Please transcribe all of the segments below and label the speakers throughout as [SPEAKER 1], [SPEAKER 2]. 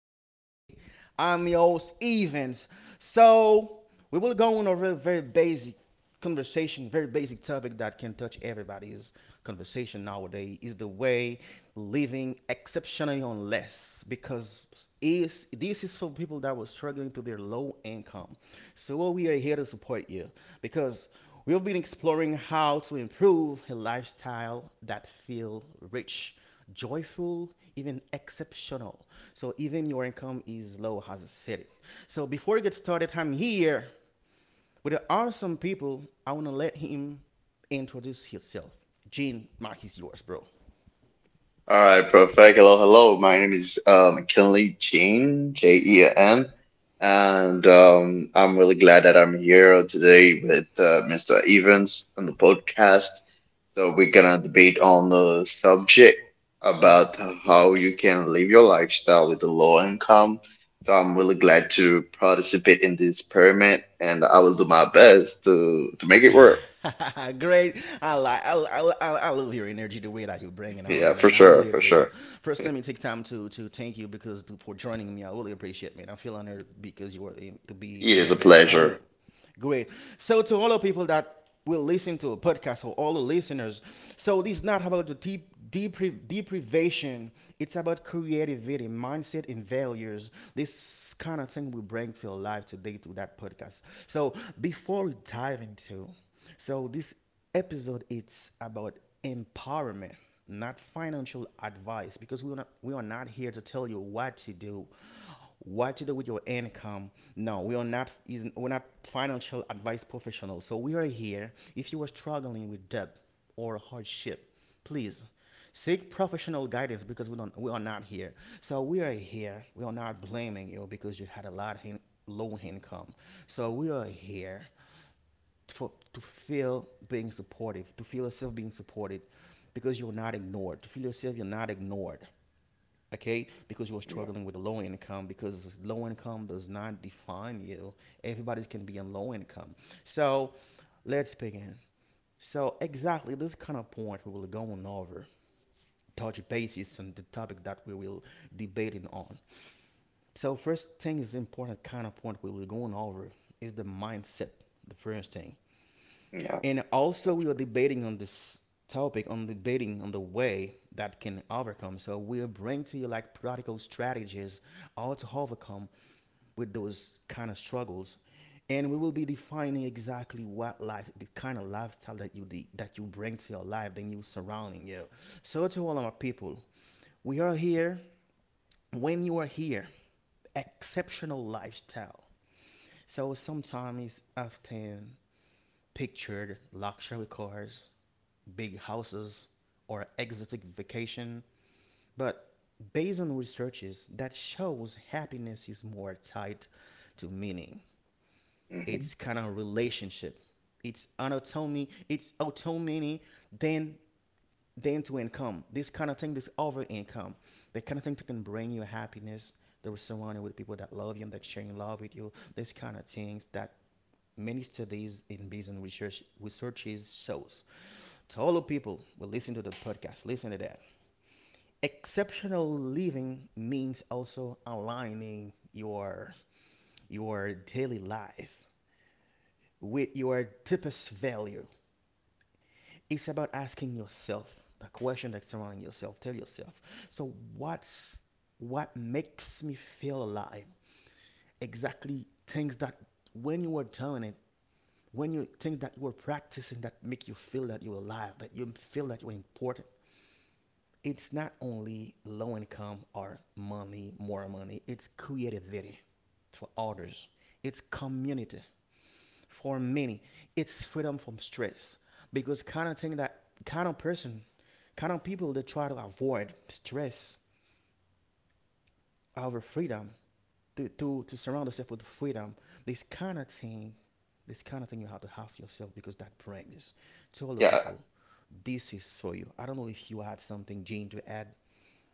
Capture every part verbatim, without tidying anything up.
[SPEAKER 1] today. I'm your host Evans. So we will go on over a very, very basic conversation, very basic topic that can touch everybody's conversation nowadays is the way living exceptionally on less because is this is for people that were struggling to their low income. So well, we are here to support you because we've been exploring how to improve a lifestyle that feel rich joyful, even exceptional. So even your income is low, as I said it. So before we get started, I'm here with the awesome people. I want to let him introduce himself. Gene, Mike is yours, bro.
[SPEAKER 2] All right, perfect. Hello, hello. My name is um, Kinley Jean, J E N, and um, I'm really glad that I'm here today with uh, mister Evans on the podcast. So we're gonna debate on the subject about how you can live your lifestyle with a low income. So I'm really glad to participate in this experiment, and I will do my best to to make it work.
[SPEAKER 1] Great. I like I, I, I, I love your energy, the way that you bring it
[SPEAKER 2] Yeah,
[SPEAKER 1] around,
[SPEAKER 2] for
[SPEAKER 1] man. I
[SPEAKER 2] sure,
[SPEAKER 1] really
[SPEAKER 2] for
[SPEAKER 1] appreciate.
[SPEAKER 2] sure.
[SPEAKER 1] It. First, let me take time to to thank you because to, for joining me. I really appreciate, man. I feel honored because you were in- to be
[SPEAKER 2] It is
[SPEAKER 1] here,
[SPEAKER 2] a
[SPEAKER 1] man. I will.
[SPEAKER 2] pleasure.
[SPEAKER 1] Great. So to all the people that will listen to a podcast or all the listeners, so this is not about the deep depri- deprivation. It's about creativity, mindset, and values. This kind of thing we bring to life today to that podcast. So before we dive into so this episode it's about empowerment, not financial advice, because we are not we are not here to tell you what to do, what to do with your income. No, we are not is we're not financial advice professionals. So we are here if you are struggling with debt or hardship, please seek professional guidance because we don't we are not here. So we are here. We are not blaming you because you had a lot in low income. So we are here for, to feel being supportive, to feel yourself being supported because you're not ignored, to feel yourself you're not ignored, okay? Because you're
[SPEAKER 2] Yeah,
[SPEAKER 1] struggling with a low income, because low income does not define you. Everybody can be on low income. So let's begin. So, exactly this kind of point we will go on over, touch basis on the topic that we will debating on. So, first thing is important kind of point we will go on over is the mindset, the first thing.
[SPEAKER 2] yeah.
[SPEAKER 1] And also, we are debating on this topic, on debating on the way that can overcome. So we'll bring to you like practical strategies how to overcome with those kind of struggles, and we will be defining exactly what life, the kind of lifestyle that you de- that you bring to your life, the new surrounding you. So to all of our people, we are here. When you are here, exceptional lifestyle. So sometimes, often, pictured luxury cars, big houses, or exotic vacation, but based on researches that shows happiness is more tied to meaning. It's
[SPEAKER 2] Hmm.
[SPEAKER 1] kind of relationship. It's anatomy. It's autonomy than then to income. This kind of thing, this over income, the kind of thing that can bring you happiness. That were surrounded with people that love you and that sharing love with you. This kind of things that many studies in business research researches shows. To all the people who listen to the podcast, listen to that. Exceptional living means also aligning your your daily life with your deepest value it's about asking yourself the question that's surrounding yourself. Tell yourself. So what's what makes me feel alive? Exactly things that when you were doing it, when you things that you were practicing that make you feel that you're alive, that you feel that you're important. It's not only low income or money, more money. It's creativity for others. It's community. For many, it's freedom from stress because kind of thing that kind of person, kind of people that try to avoid stress over freedom to to, to surround yourself with freedom. This kind of thing, this kind of thing you have to ask yourself because that brings to all the
[SPEAKER 2] Yeah,
[SPEAKER 1] people. This is for you. I don't know if you had something, Gene, to add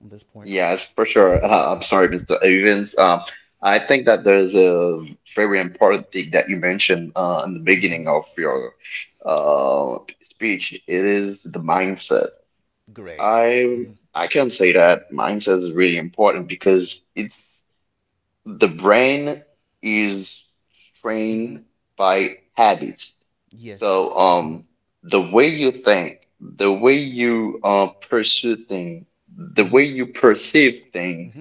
[SPEAKER 1] on this point.
[SPEAKER 2] yes, for sure. Uh, I'm sorry, mister Evans. Um, I think that there's a very important thing that you mentioned uh, in the
[SPEAKER 1] hmm
[SPEAKER 2] beginning of your uh, speech. It is the mindset.
[SPEAKER 1] Great.
[SPEAKER 2] I
[SPEAKER 1] hmm
[SPEAKER 2] I can say that mindset is really important because it's the brain is
[SPEAKER 1] hmm
[SPEAKER 2] trained by habits.
[SPEAKER 1] Yes.
[SPEAKER 2] So,
[SPEAKER 1] Mhm.
[SPEAKER 2] um, the way you think, the way you uh, pursue things, the
[SPEAKER 1] Mm-hmm.
[SPEAKER 2] way you perceive things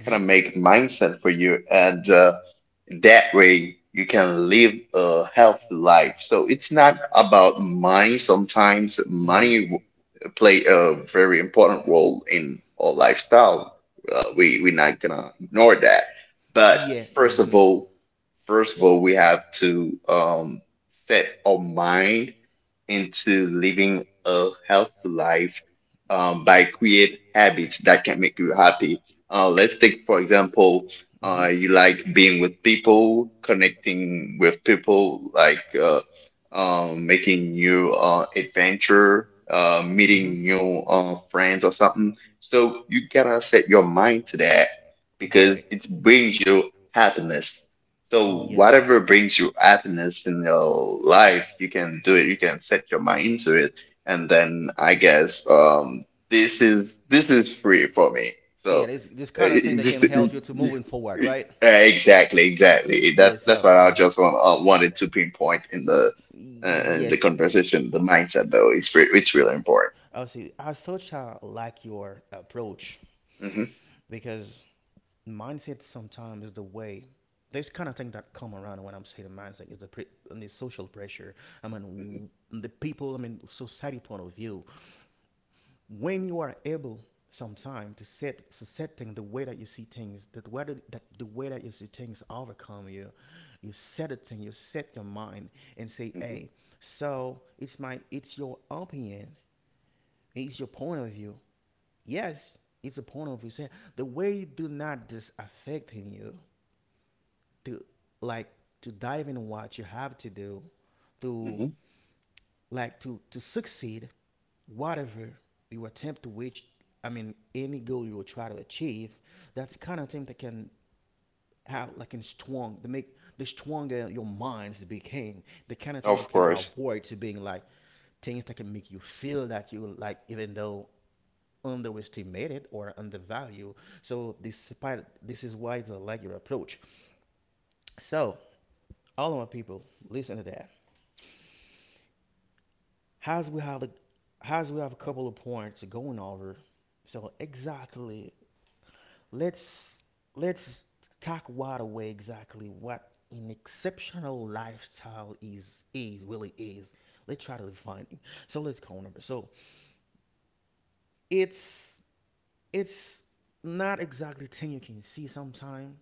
[SPEAKER 1] Mm-hmm.
[SPEAKER 2] kind of make mindset for you, and uh, that way you can live a healthy life. So it's not about money. Sometimes
[SPEAKER 1] Mhm.
[SPEAKER 2] money w- play a very important role in our lifestyle. Uh, we we're not gonna ignore
[SPEAKER 1] But
[SPEAKER 2] that. But first of all, first of all, we have to um, set our mind into living a healthy life um, by create habits that can make you happy. Uh, let's take, for example,
[SPEAKER 1] Mm-hmm.
[SPEAKER 2] uh, you like being with people, connecting with people, like uh, um, making new uh, adventure, uh, meeting new uh, friends or something. So you gotta set your mind to that because
[SPEAKER 1] Correct.
[SPEAKER 2] it brings you happiness,
[SPEAKER 1] So
[SPEAKER 2] so
[SPEAKER 1] Yes.
[SPEAKER 2] whatever brings you happiness in your life, you can do it. You can set your mind to it, and then I guess um this is this is free for me. So
[SPEAKER 1] Yeah,
[SPEAKER 2] uh,
[SPEAKER 1] this this kind of thing
[SPEAKER 2] it-
[SPEAKER 1] that can help you to
[SPEAKER 2] this,
[SPEAKER 1] moving forward, right?
[SPEAKER 2] uh, exactly, exactly. That's
[SPEAKER 1] Yes,
[SPEAKER 2] that's
[SPEAKER 1] sir.
[SPEAKER 2] what I
[SPEAKER 1] hmm
[SPEAKER 2] just want, uh, wanted to pinpoint in the
[SPEAKER 1] be
[SPEAKER 2] uh, in the
[SPEAKER 1] Yes. the- mindset
[SPEAKER 2] conversation. The mindset, though, it's re it's really important.
[SPEAKER 1] I see. I such I like your approach
[SPEAKER 2] Hmm.
[SPEAKER 1] because mindset sometimes is the way. There's kind of thing that come around when I'm saying mindset is the pre- and the social pressure. I
[SPEAKER 2] Hmm.
[SPEAKER 1] mean, w- the people. I mean, society point of view. When you are able sometime to set so setting the way that you see things that whether that the way that you see things overcome you, you set a thing, you set your mind and say,
[SPEAKER 2] Hmm.
[SPEAKER 1] hey, so it's my it's your opinion, it's your point of view. Yes, it's a point of view say the way you do not just affecting you to like to dive in what you have to do
[SPEAKER 2] Hmm.
[SPEAKER 1] to like to to succeed whatever you attempt to reach, I mean, any goal you will try to achieve, that's kind of thing that can have like in strong to make the stronger your minds became the kind of thing
[SPEAKER 2] Of
[SPEAKER 1] that can
[SPEAKER 2] course,
[SPEAKER 1] avoid to being like things that can make you feel that you like even though underestimated or undervalued, so despite this is why it's a regular approach. So all of my people, listen to that. as we have the as we have a couple of points going over, so exactly let's let's talk right away exactly what an exceptional lifestyle is is really is. Let's try to define it. So let's go over. So it's it's not exactly thing you can see. Sometimes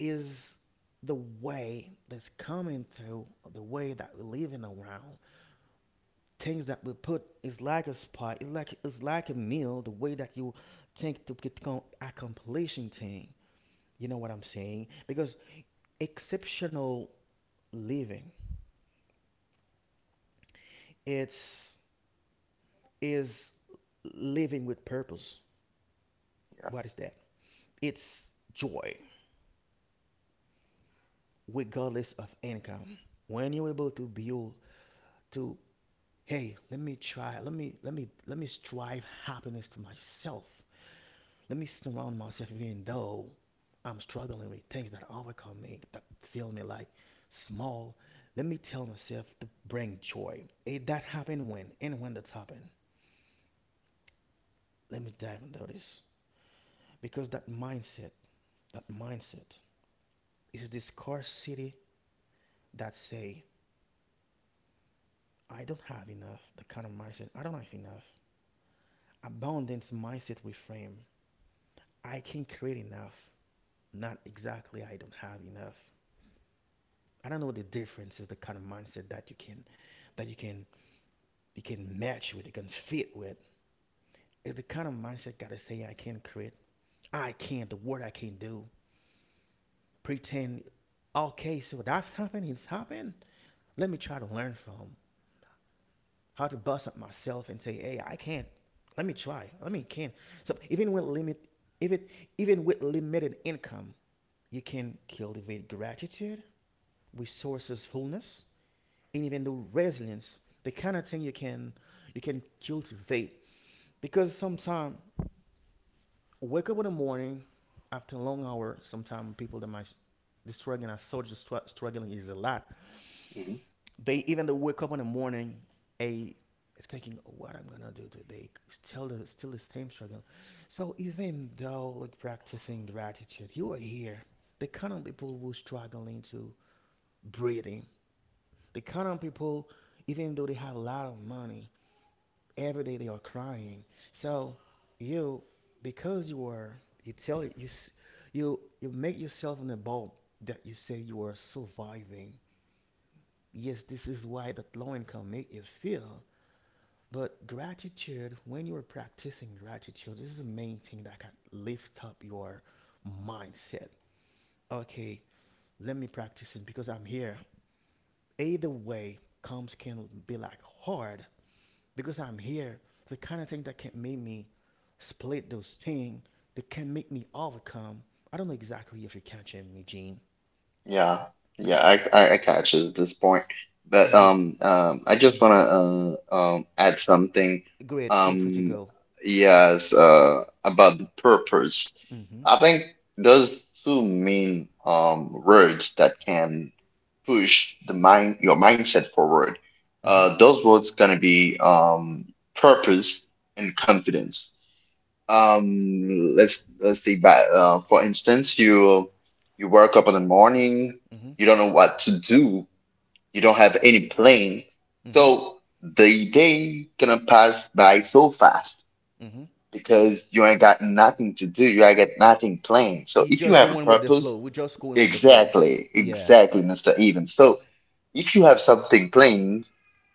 [SPEAKER 1] is the way that's coming through, the way that we're living around, things that we put is like a spot, it's like it's like a meal, the way that you think to get accomplishing thing, you know what I'm saying? Because exceptional living it's is living with purpose.
[SPEAKER 2] yeah.
[SPEAKER 1] What is that? It's joy regardless of income. When you're able to build to, hey, let me try, let me let me let me strive happiness to myself, let me surround myself even though I'm struggling with things that overcome me that feel me like small, let me tell myself to bring joy it that happened when and when that's happened, let me dive into this because that mindset that mindset is the scarcity that say I don't have enough, the kind of mindset I don't have enough. Abundance mindset we, I can create enough, not exactly I don't have enough. I don't know the difference is the kind of mindset that you can that you can, you can match with, you can fit with. It's the kind of mindset, gotta say I can create, I can, the word I can do pretend. Okay, so that's happened, it's happened, let me try to learn from how to bust up myself and say, hey, I can. Let me try. Let me can. So even with limit, even even with limited income, you can cultivate gratitude, resourcefulness, and even the resilience. The kind of thing you can you can cultivate because sometimes wake up in the morning after a long hour. Sometimes people that might the struggling, I saw the struggling is a lot,
[SPEAKER 2] Mm-hmm.
[SPEAKER 1] they even they wake up in the morning a thinking, oh, what I'm gonna do today. Still the still the same struggle. So even though like practicing gratitude, you are here. The kind of people who struggling to breathing. The kind of people even though they have a lot of money, every day they are crying. So you, because you are, you tell you, you you make yourself in the bulb that you say you are surviving. Yes, this is why that low income make you feel. But gratitude, when you're practicing gratitude, this is the main thing that can lift up your mindset. Okay, let me practice it because I'm here. Either way, comes can be like hard because I'm here. It's the kind of thing that can make me split those things that can make me overcome. I don't know exactly if you're catching me, Gene.
[SPEAKER 2] Yeah, yeah, I, I, I catch it at this point. But
[SPEAKER 1] Yeah.
[SPEAKER 2] um, um, I
[SPEAKER 1] Mm.
[SPEAKER 2] just wanna uh, um, add something.
[SPEAKER 1] Great. Feel free to
[SPEAKER 2] Um,
[SPEAKER 1] go.
[SPEAKER 2] yes, uh, about the purpose.
[SPEAKER 1] Mm-hmm.
[SPEAKER 2] I think those two main um words that can push the mind your mindset forward.
[SPEAKER 1] Mm-hmm.
[SPEAKER 2] Uh, those words gonna be um purpose and confidence. um, let's let's see. But uh, for instance, you you work up in the morning,
[SPEAKER 1] Mm-hmm.
[SPEAKER 2] you don't know what to do, you don't have any plan,
[SPEAKER 1] Mm-hmm.
[SPEAKER 2] so the day gonna pass by so fast
[SPEAKER 1] Mm-hmm.
[SPEAKER 2] because you ain't got nothing to do, you ain't got nothing planned. So
[SPEAKER 1] You
[SPEAKER 2] if you
[SPEAKER 1] just
[SPEAKER 2] have a
[SPEAKER 1] go in with the flow.
[SPEAKER 2] purpose,
[SPEAKER 1] We just go in with the flow.
[SPEAKER 2] exactly,
[SPEAKER 1] Yeah.
[SPEAKER 2] exactly, mister Eden. So if you have something planned,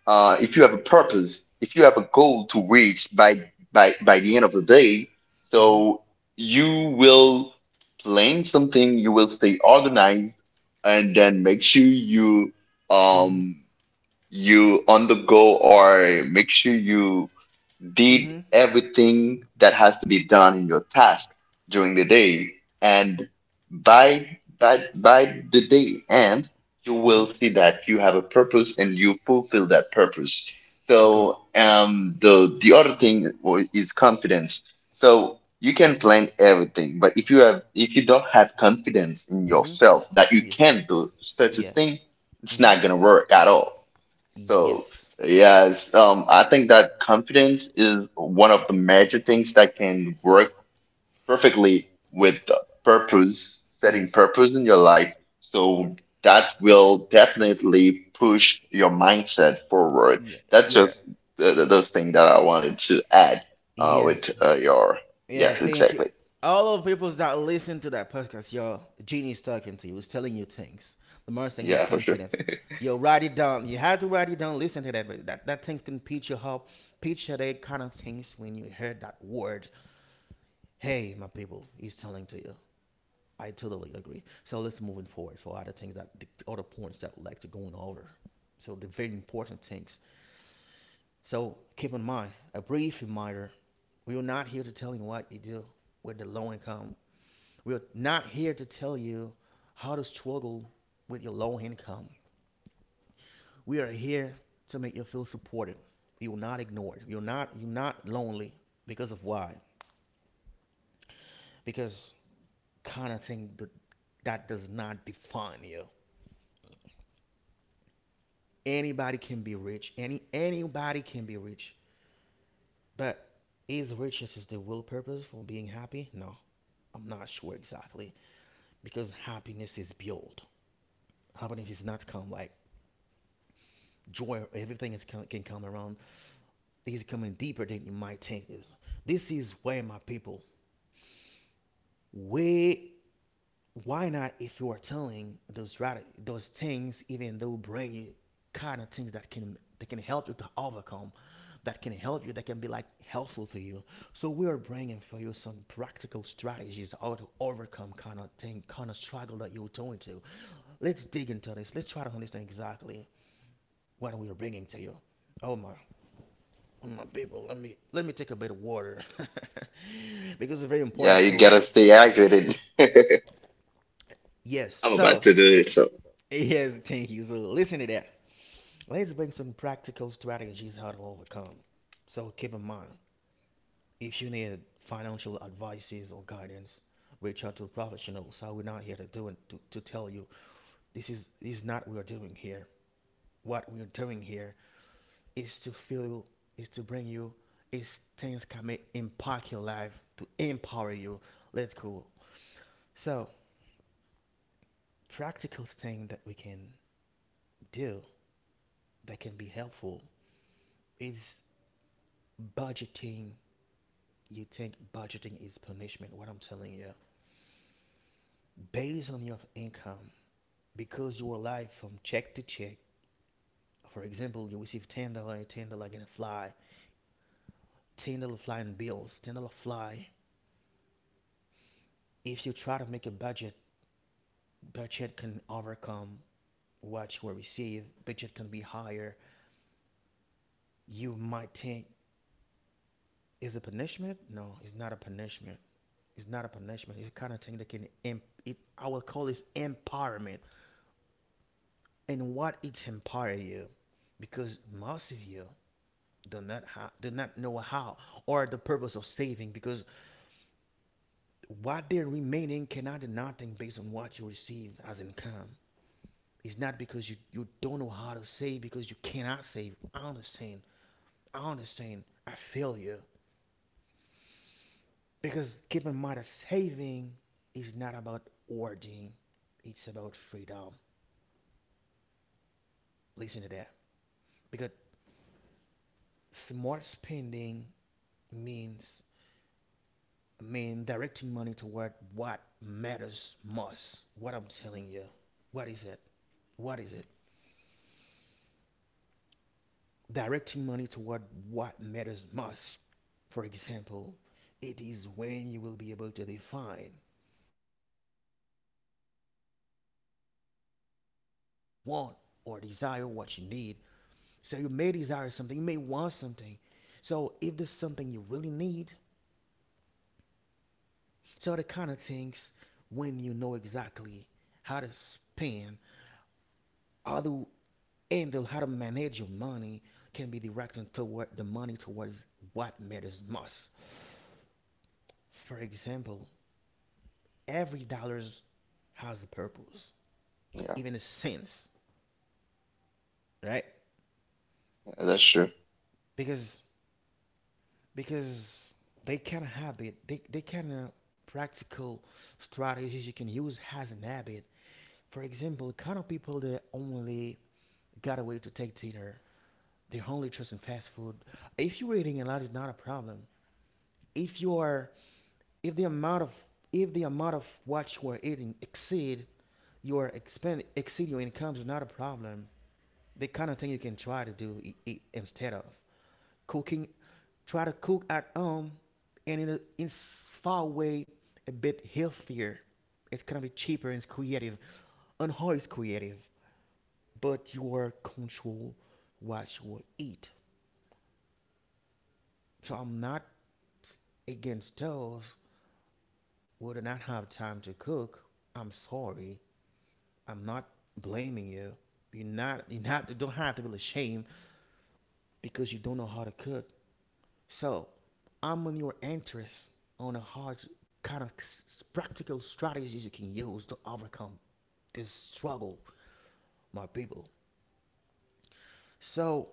[SPEAKER 2] uh, if you have a purpose, if you have a goal to reach by by by the end of the day, so you will plan something, you will stay organized, and then make sure you
[SPEAKER 1] Mm-hmm.
[SPEAKER 2] um you on the go or make sure you
[SPEAKER 1] Mm-hmm.
[SPEAKER 2] did
[SPEAKER 1] Mm-hmm.
[SPEAKER 2] everything that has to be done in your task during the day, and by by by the day end you
[SPEAKER 1] Mm-hmm.
[SPEAKER 2] will see that you have a purpose and you fulfill that purpose.
[SPEAKER 1] Good.
[SPEAKER 2] So um the the other thing w- is confidence. So you can plan everything, but if you have, if you don't have confidence in
[SPEAKER 1] Mm-hmm. To
[SPEAKER 2] yourself that
[SPEAKER 1] that
[SPEAKER 2] you
[SPEAKER 1] you
[SPEAKER 2] can do such a
[SPEAKER 1] yes-
[SPEAKER 2] thing,
[SPEAKER 1] Yeah.
[SPEAKER 2] it's
[SPEAKER 1] Mm-hmm.
[SPEAKER 2] not gonna work at all. So,
[SPEAKER 1] Yes.
[SPEAKER 2] yes, um, I think that confidence is one of the major things that can work perfectly with the purpose, setting
[SPEAKER 1] Yes.
[SPEAKER 2] purpose in your life.
[SPEAKER 1] Yeah.
[SPEAKER 2] So that will definitely push your mindset forward.
[SPEAKER 1] Yeah.
[SPEAKER 2] That's
[SPEAKER 1] Yeah.
[SPEAKER 2] just the, the, the thing that I wanted to add uh, with
[SPEAKER 1] Yes.
[SPEAKER 2] uh, your,
[SPEAKER 1] Yeah,
[SPEAKER 2] yes,
[SPEAKER 1] thank you.
[SPEAKER 2] exactly.
[SPEAKER 1] All of people that listen to that podcast, yo, Genie's talking to you. He's telling you things. The most thing is
[SPEAKER 2] Yeah, for sure.
[SPEAKER 1] confidence. Yo, write it down. You have to write it down. Listen to that. But that, that thing can pitch you up, pitch you that kind of things when you heard that word. Hey, my people, he's telling to you. I totally agree. So let's moving forward for other things that the other points that we like to go over. So the very important things. So keep in mind, a brief reminder, we are not here to tell you what you do with the low income. We're not here to tell you how to struggle with your low income. We are here to make you feel supported. You're not ignored. You're not you're not lonely because of why? Because kind of thing that, that does not define you. Anybody can be rich. Any anybody can be rich. But is riches is the real purpose for being happy? No, I'm not sure exactly because happiness is built. Happiness is not come like joy. Everything is come, can come around. These are coming deeper than you might think. This- This is where my people. Where why not if you are telling those right those things even though bring you kind of things that can that can help you to overcome, that can help you, that can be like helpful to you. So we are bringing for you some practical strategies how to overcome kind of thing, kind of struggle that you're going to. Let's dig into this, let's try to understand exactly what we are bringing to you. Oh my, my people, let me let me take a bit of water because it's very
[SPEAKER 2] Yeah,
[SPEAKER 1] important.
[SPEAKER 2] you
[SPEAKER 1] So
[SPEAKER 2] gotta stay hydrated.
[SPEAKER 1] yes,
[SPEAKER 2] I'm about
[SPEAKER 1] so
[SPEAKER 2] to do it. So
[SPEAKER 1] yes, thank you. So listen to that. Let's bring some practical strategies how to overcome. So keep in mind, if you need financial advices or guidance, reach out to professionals. So we're not here to do it, to, to tell you this is this is not what we're doing here. What we're doing here is to feel, is to bring you, is things can make impact your life to empower you. Let's go. So practical thing that we can do that can be helpful is budgeting. You think budgeting is punishment? What I'm telling you, based on your income, because your life from check to check. For example, you receive ten dollar, ten dollar gonna fly, ten dollar flying bills, ten dollar fly. If you try to make a budget, budget can overcome what you will receive, but it can be higher. You might think is a punishment? No, it's not a punishment. It's not a punishment. It's the kind of thing that can em- it. I will call this empowerment, and what it empower you, because most of you do not ha- do not know how or the purpose of saving, because what they're remaining cannot do nothing based on what you receive as income. It's not because you, you don't know how to save because you cannot save. I understand. I understand. I feel you. Because keep in mind that saving is not about hoarding, it's about freedom. Listen to that. Because smart spending means mean directing money toward what matters most. What I'm telling you. What is it? What is it? Directing money toward what matters most. For example, it is when you will be able to define, to make that difference between needs and desire, what you want or desire what you need. So you may desire something, you may want something. So if there's something you really need, so the kind of things when you know exactly how to spend, how to handle, how to manage your money can be directed toward the money towards what matters most. For example, every dollar has a purpose,
[SPEAKER 2] yeah,
[SPEAKER 1] even a sense, right?
[SPEAKER 2] yeah, that's true.
[SPEAKER 1] Because because they kind of habit, they, they kind of practical strategies you can use as an habit. For example, kind of people that only got away to take dinner, they're only trusting fast food. If you're eating a lot, it's not a problem. If you are, if the amount of if the amount of what you are eating exceed your expend, exceed your income, is not a problem. The kind of thing you can try to do, i- i- instead of cooking, try to cook at home, and in a in far way a bit healthier. It's kind of cheaper and it's creative. And how it's creative, but you are control what you will eat. So I'm not against those who do not have time to cook. I'm sorry. I'm not blaming you. You're not you not you don't have to be ashamed because you don't know how to cook. So, I'm on your interest on a hard kind of practical strategies you can use to overcome this struggle, my people. So,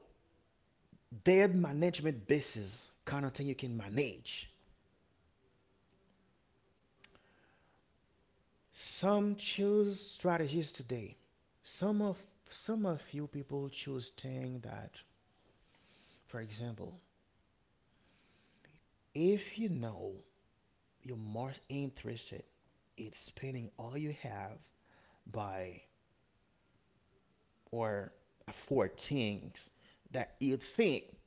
[SPEAKER 1] their management basis kind of thing you can manage. Some choose strategies today. Some of some of you people choose thing that, for example, if you know you're most interested in spending all you have by, or for things that you think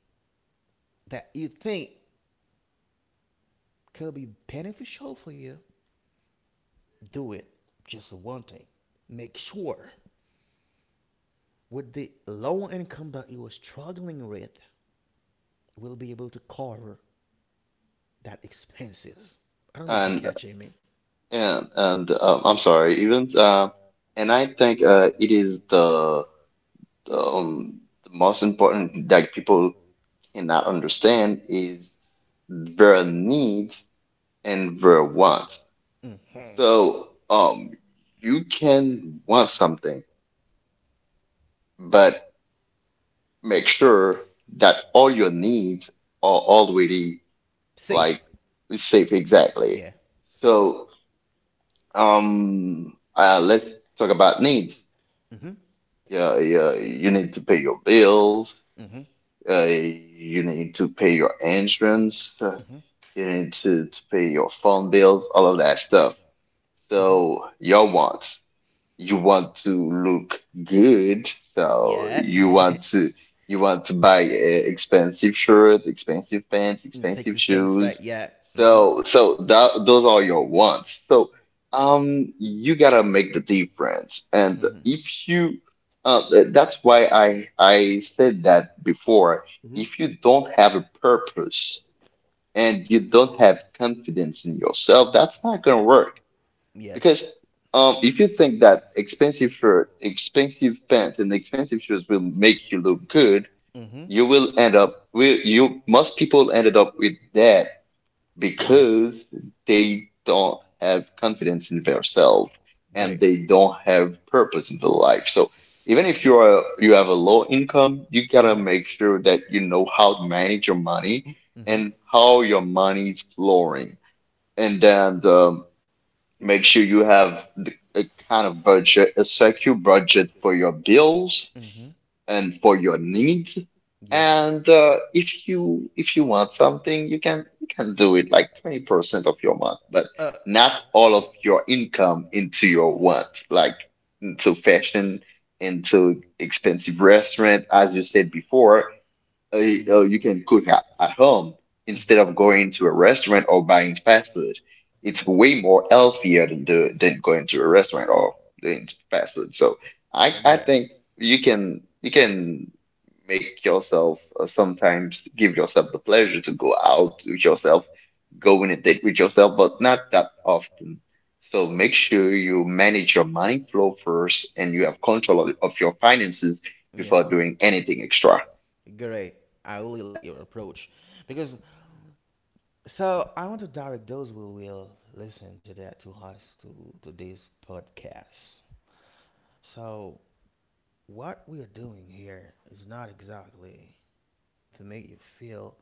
[SPEAKER 1] that you think could be beneficial for you, do it. Just one thing. Make sure with the low income that you are struggling with, will be able to cover that expenses. I don't know if you're
[SPEAKER 2] And
[SPEAKER 1] catching me.
[SPEAKER 2] and and um, I'm sorry, even uh, and I think uh, it is the the, um, the most important that people cannot understand is their needs and their wants.
[SPEAKER 1] Hmm.
[SPEAKER 2] So um, you can want something, but make sure that all your needs are already
[SPEAKER 1] Safe.
[SPEAKER 2] like shape exactly.
[SPEAKER 1] Yeah.
[SPEAKER 2] So um uh let's talk about needs.
[SPEAKER 1] Hmm.
[SPEAKER 2] Yeah, yeah, you need to pay your bills,
[SPEAKER 1] Hmm.
[SPEAKER 2] uh you need to pay your insurance, uh,
[SPEAKER 1] Hmm.
[SPEAKER 2] you need to, to pay your phone bills, all of that stuff.
[SPEAKER 1] Hmm.
[SPEAKER 2] So your wants. You want to look good, so
[SPEAKER 1] Yeah.
[SPEAKER 2] you want to you want to buy uh, expensive shirts, expensive pants, expensive
[SPEAKER 1] Inexpensive things, right?
[SPEAKER 2] shoes.
[SPEAKER 1] Yeah. Mm-hmm.
[SPEAKER 2] So so that those are your wants. So um you gotta make the difference. And
[SPEAKER 1] Mm-hmm.
[SPEAKER 2] if you uh th- that's why I I said that before.
[SPEAKER 1] Hmm.
[SPEAKER 2] If you don't have a purpose and you don't have confidence in yourself, that's not gonna work
[SPEAKER 1] Yes.
[SPEAKER 2] because um, if you think that expensive shirt, expensive pants, and expensive shoes will make you look good,
[SPEAKER 1] Mm-hmm.
[SPEAKER 2] you will end up. Will you. Most people ended up with that
[SPEAKER 1] Yeah.
[SPEAKER 2] because they don't have confidence in themselves and
[SPEAKER 1] Great.
[SPEAKER 2] they don't have purpose in their life. So even if you are you have a low income, you gotta make sure that you know how to manage your money
[SPEAKER 1] Mm-hmm. Mm-hmm.
[SPEAKER 2] and how your money is flowing. And then um make sure you have the, a kind of budget, a secure budget for your bills
[SPEAKER 1] Mm-hmm.
[SPEAKER 2] and for your needs.
[SPEAKER 1] Yes.
[SPEAKER 2] And uh, if you, if you want something, you can you can do it like twenty percent of your month, but
[SPEAKER 1] Uh.
[SPEAKER 2] not all of your income into your want, like into fashion, into expensive restaurant, as you said before, uh, uh, you can cook at, at home instead of going to a restaurant or buying fast food.
[SPEAKER 1] Mm.
[SPEAKER 2] It's way more healthier than do, than going to a restaurant or doing fast food. So I I think you can you can make yourself uh, sometimes give yourself the pleasure to go out with yourself, go on a date with yourself, but not that often. So make sure you manage your money flow first and you have control of, of your finances before
[SPEAKER 1] Yes.
[SPEAKER 2] doing anything extra.
[SPEAKER 1] Extra. Great. I really like your approach because, so I want to direct those who will listen to that, to us, to to this podcast. So what we are doing here is not exactly to make you feel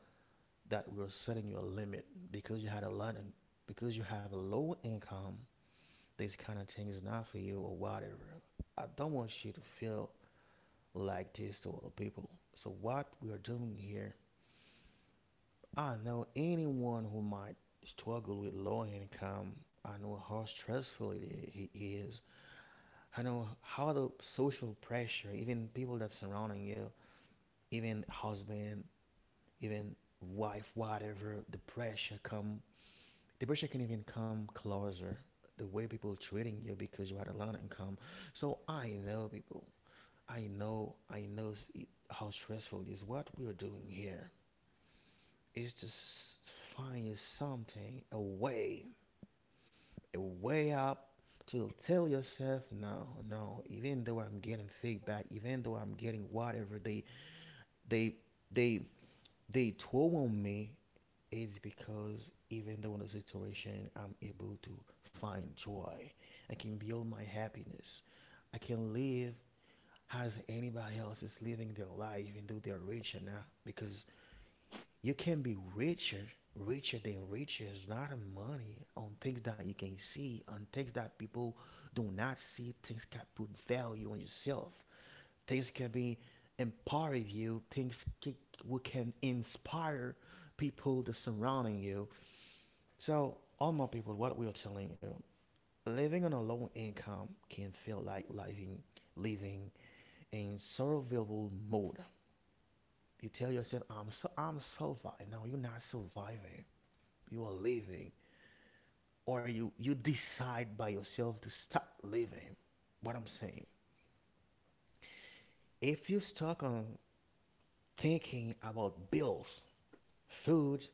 [SPEAKER 1] that we're setting you a limit because you had a lot of, because you have a low income. This kind of thing is not for you or whatever. I don't want you to feel like this to other people. So what we are doing here, I know anyone who might struggle with low income. I know how stressful it. I- he I know how the social pressure, even people that's surrounding you, even husband, even wife, whatever, the pressure come. The pressure can even come closer. The way people treating you because you had a low income. So I know people. I know. I know it, how stressful it is. What we're doing here is to s- find something, a way way up to tell yourself, no, no, even though I'm getting feedback, even though I'm getting whatever they they they they told on me. It's because, even though in a situation, I'm able to find joy, I can build my happiness, I can live as anybody else is living their life even though they're rich. And not because, you can be richer, richer than richer. It's not in money, on things that you can see, on things that people do not see. Things can put value on yourself. Things can be empower you. Things can, we can inspire people to surrounding you. So, all my people, what we are telling you, living on a low income can feel like living living in survival mode. You tell yourself, "I'm so I'm surviving." No, you're not surviving. You are living, or you you decide by yourself to stop living. What I'm saying, if you stuck on thinking about bills, food,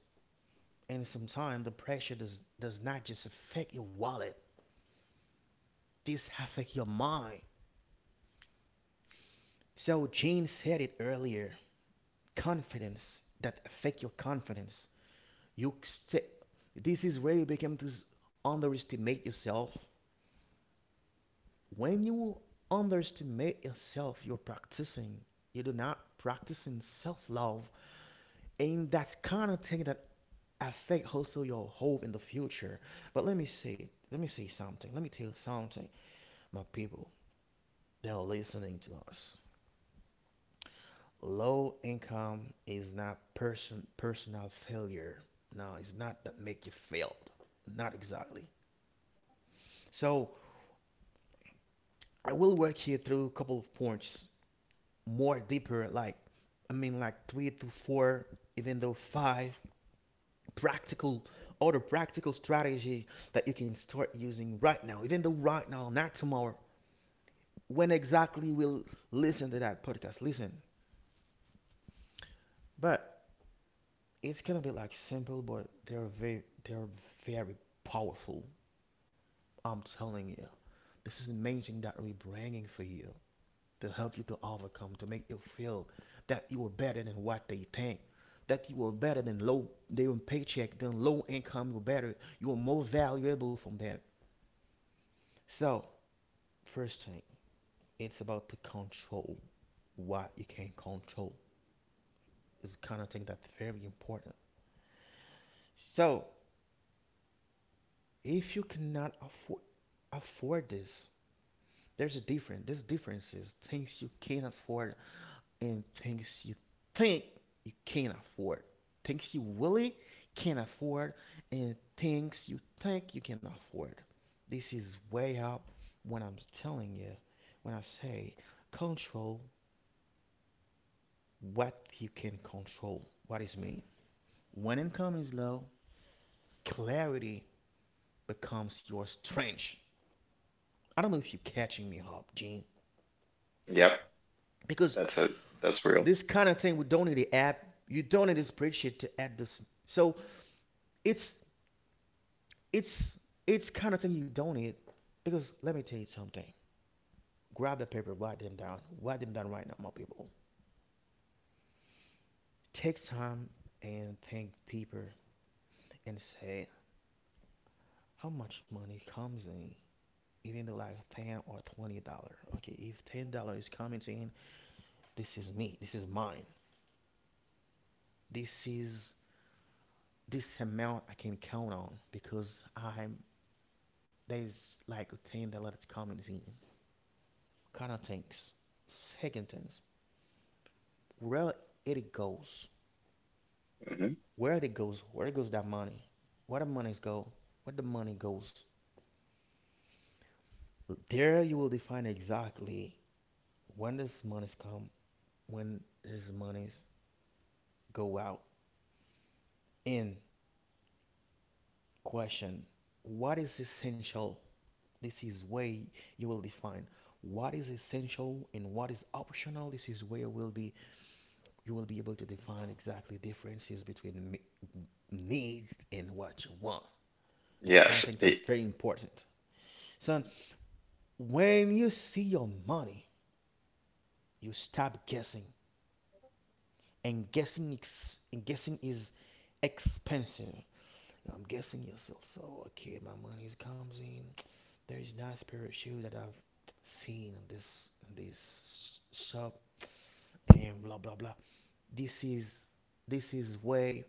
[SPEAKER 1] and sometimes the pressure does does not just affect your wallet, this affect your mind. So Gene said it earlier, confidence, that affect your confidence. you st- this is where you become to underestimate yourself. When you underestimate yourself, you're practicing. You do not practicing self-love, and that's kind of thing that affect also your hope in the future. But let me say, let me say, something. Let me tell you something, my people that are listening to us. Low income is not person personal failure. No, it's not that make you failed. Not exactly. So I will work here through a couple of points more deeper, like, I mean, like three to four, even though five practical other practical strategy that you can start using right now, even though right now, not tomorrow, when exactly we'll listen to that podcast, listen. But it's gonna be like simple, but they're very they're very powerful. I'm telling you, this is the main thing that we're bringing for you to help you to overcome, to make you feel that you are better than what they think, that you are better than low, they on paycheck, than low income, you're better, you are more valuable from them. So, first thing, it's about to control what you can control. It's the kind of thing that's very important. So, if you cannot afford afford this, there's a difference. There's differences, things you can't afford and things you think you can't afford, things you really can't afford, and things you think you can afford. This is way up when I'm telling you, when I say control what you can control. What What is mean? When income is low, clarity becomes your strength. I don't know if you're catching me up, Gene,
[SPEAKER 2] Yep.
[SPEAKER 1] because
[SPEAKER 2] That's a that's real.
[SPEAKER 1] this kind of thing, we don't need the app. You don't need this spreadsheet to add this. So it's it's it's kind of thing you don't need because let me tell you something. Grab the paper, write them down, write them down right now, my people. Take time and think deeper and say how much money comes in. Even though like ten or twenty dollar. Okay, if ten dollar is coming in, this is me. This is mine. This is this amount I can count on because I'm there's like ten dollar coming in. Kind of things. Second things, where it goes
[SPEAKER 2] Hmm.
[SPEAKER 1] where it goes where goes that money where the monies go where the money goes, there you will define exactly when this monies come, when these monies go out in question. What is essential? This is way you will define what is essential and what is optional. This is where will be you will be able to define exactly differences between needs and what you want. This kind
[SPEAKER 2] Yes.
[SPEAKER 1] of thing
[SPEAKER 2] It,
[SPEAKER 1] is very important, son. When you see your money, you stop guessing, and guessing ex- and guessing is expensive. I'm guessing yourself, so okay, my money comes in, there is nice pair of shoes that I've seen in this in this shop, and blah blah blah. This is this is where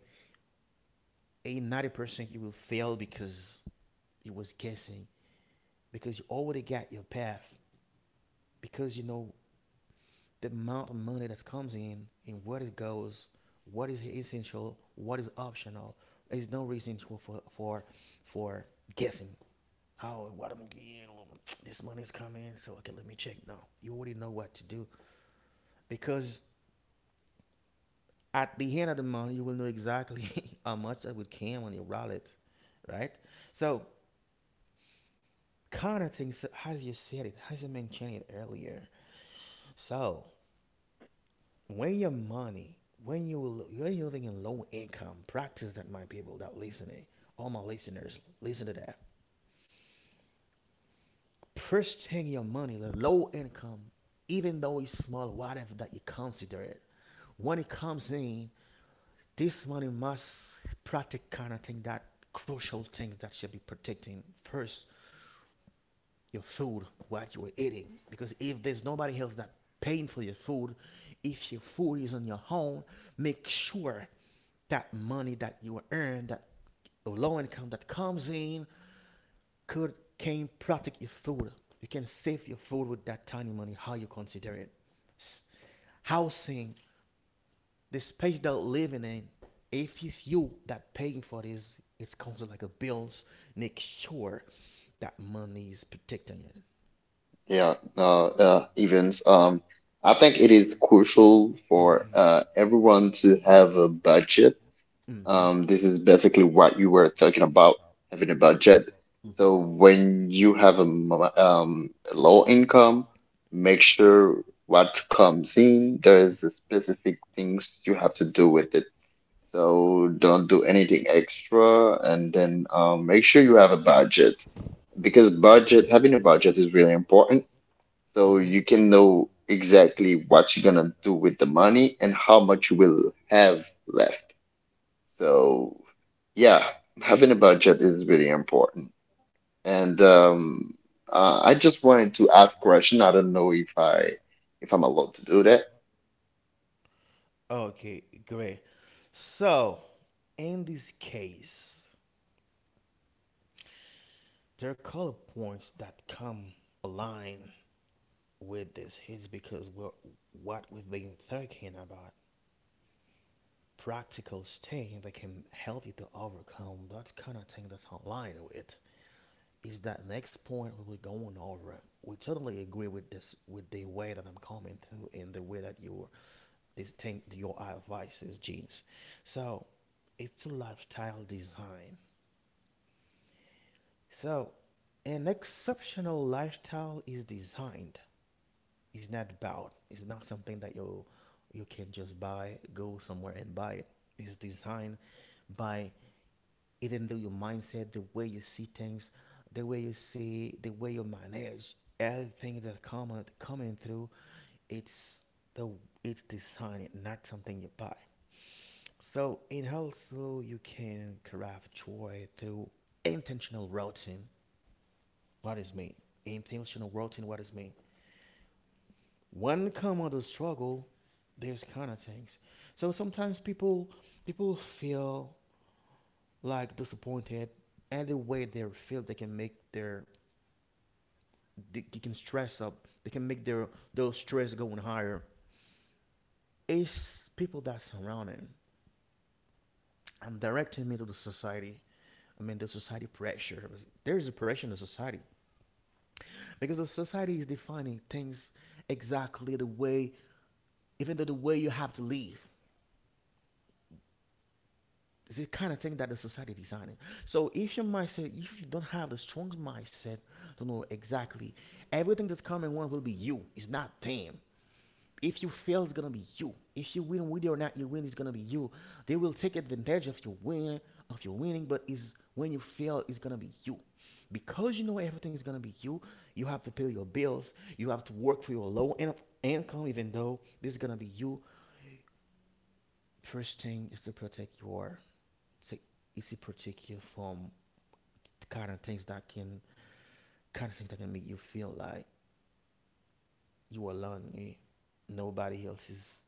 [SPEAKER 1] a ninety percent you will fail because you was guessing, because you already got your path, because you know the amount of money that comes in and where it goes, what is essential, what is optional. There's no reason for for for guessing. Oh, what I'm getting, this money is coming, so okay, let me check. No, you already know what to do, because at the end of the month you will know exactly how much that would came when you roll it, right? So kind of things as you said it, as you mentioned it earlier. So when your money, when you when you're living in low income, practice that, my people that listening, all my listeners, listen to that. First thing your money, the low income, even though it's small, whatever that you consider it, when it comes in, this money must protect kind of thing that crucial things that should be protecting first, your food, what you are eating, because if there's nobody else that paying for your food, if your food is on your own, make sure that money that you earn, that low income that comes in, could can protect your food. You can save your food with that tiny money. How you consider it? Housing, the space that you are living in. If it's you that paying for this, it comes with like a bills. Make sure that money is protecting you.
[SPEAKER 2] yeah. Uh, uh, events. Um, I think it is
[SPEAKER 1] Mm-hmm.
[SPEAKER 2] crucial for uh, everyone to have a budget.
[SPEAKER 1] Mm-hmm. Mm-hmm. Mm-hmm.
[SPEAKER 2] Um, this is basically what you were talking about, having a budget. So when you have a mo- um, a low income, make sure what comes in, there is a specific things you have to do with it. So don't do anything extra, and then um, make sure you have a budget, because budget, having a budget is really important. So you can know exactly what you're gonna do with the money and how much you will have left. So yeah, having a budget is really important. And um, uh, I just wanted to ask question. I don't know if I if I'm allowed to do that.
[SPEAKER 1] Okay, great. So, in this case, there are color points that come align with this, is because we're, what we've been thinking about practical thing that can help you to overcome that kind of thing that's aligned with is that next point we were going over. We totally agree with this, with the way that I'm coming to and the way that your this thing, your advice is Jeans. So it's a lifestyle design. So, an exceptional lifestyle is designed. It's not bought. It's not something that you you can just buy, go somewhere and buy it. It's designed by even though your mindset, the way you see things, the way you see, the way you manage everything that come coming through. It's the it's designed, not something you buy. So, and also you can craft joy through intentional routine. What is me? Intentional routine, what is me? When come on the struggle, there's kind of things. So sometimes people people feel like disappointed, and the way they feel they can make their they can stress up, they can make their those stress going higher. It's people that surrounding and directing me to the society. I mean the society pressure. There is a pressure in the society, because the society is defining things exactly the way, even though the way you have to live. It's the kind of thing that the society is designing. So if your mindset, if you don't have the strong mindset to know exactly everything that's coming one will be you. It's not them. If you fail, it's gonna be you. If you win, whether or not you win, it's gonna be you. They will take advantage of your win, of your winning, but is when you fail, it's gonna be you. Because you know everything's gonna be you, you have to pay your bills. You have to work for your low in- income, even though this is gonna be you. First thing is to protect your, it's to protect you from the kind of things that can kind of things that can make you feel like you are alone. You, nobody else is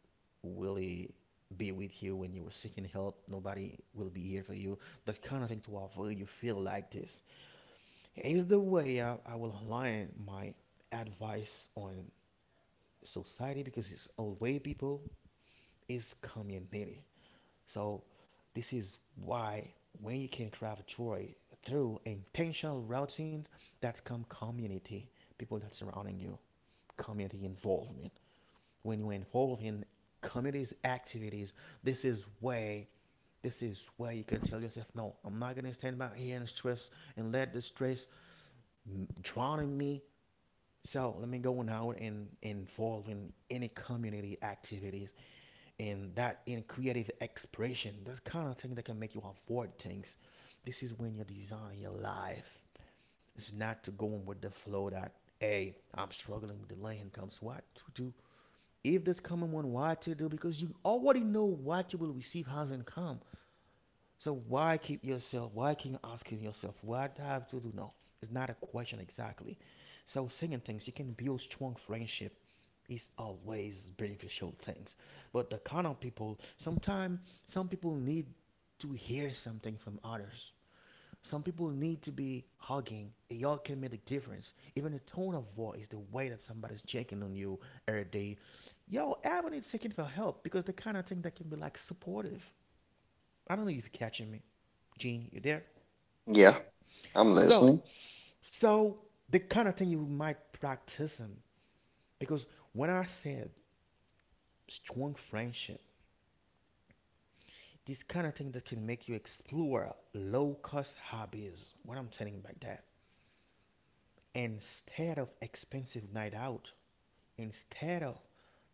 [SPEAKER 1] really be with you when you were seeking help. Nobody will be here for you. That kind of thing to avoid you feel like this. Here's the way I, I will align my advice on society, because it's all way people is community. So, this is why when you can craft joy through intentional routines that come community, people that surrounding you, community involvement. When you involve in community's activities, this is way this is where you can tell yourself, no, I'm not gonna stand back here and stress and let the stress drowning me. So let me go now and involved in any community activities and that in creative expression. That's kind of thing that can make you afford things. This is when you design your life. It's not to go on with the flow that hey, I'm struggling with the low incomes. What to do? If there's coming one, what to do? Because you already know what you will receive as income. So why keep yourself? Why keep asking yourself? What do I have to do? No, it's not a question exactly. So saying things, you can build strong friendship is always beneficial things. But the kind of people, sometimes some people need to hear something from others. Some people need to be hugging. It all can make a difference. Even the tone of voice, the way that somebody's checking on you every day. Yo, everyone is seeking for help because the kind of thing that can be like supportive. I don't know if you're catching me. Gene, you there?
[SPEAKER 2] Yeah, I'm
[SPEAKER 1] So,
[SPEAKER 2] listening.
[SPEAKER 1] so the kind of thing you might practice them, because when I said strong friendship, this kind of thing that can make you explore low cost hobbies. What I'm telling you about that, instead of expensive night out, instead of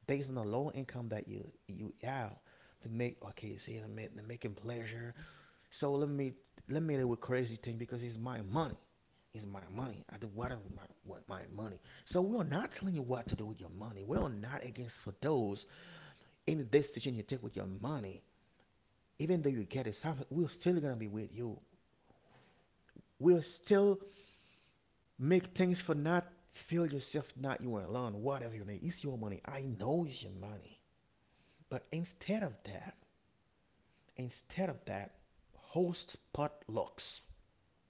[SPEAKER 1] based on the low income that you you have, to make okay, see the the making pleasure. So let me let me do a crazy thing because it's my money. It's my money. I do whatever with my with my money. So we are not telling you what to do with your money. We are not against for those any decision you take with your money. Even though you get it, we're still gonna be with you. We'll still make things for not feel yourself not you alone. Whatever you need, it's your money. I know it's your money. But instead of that, instead of that, host potlucks.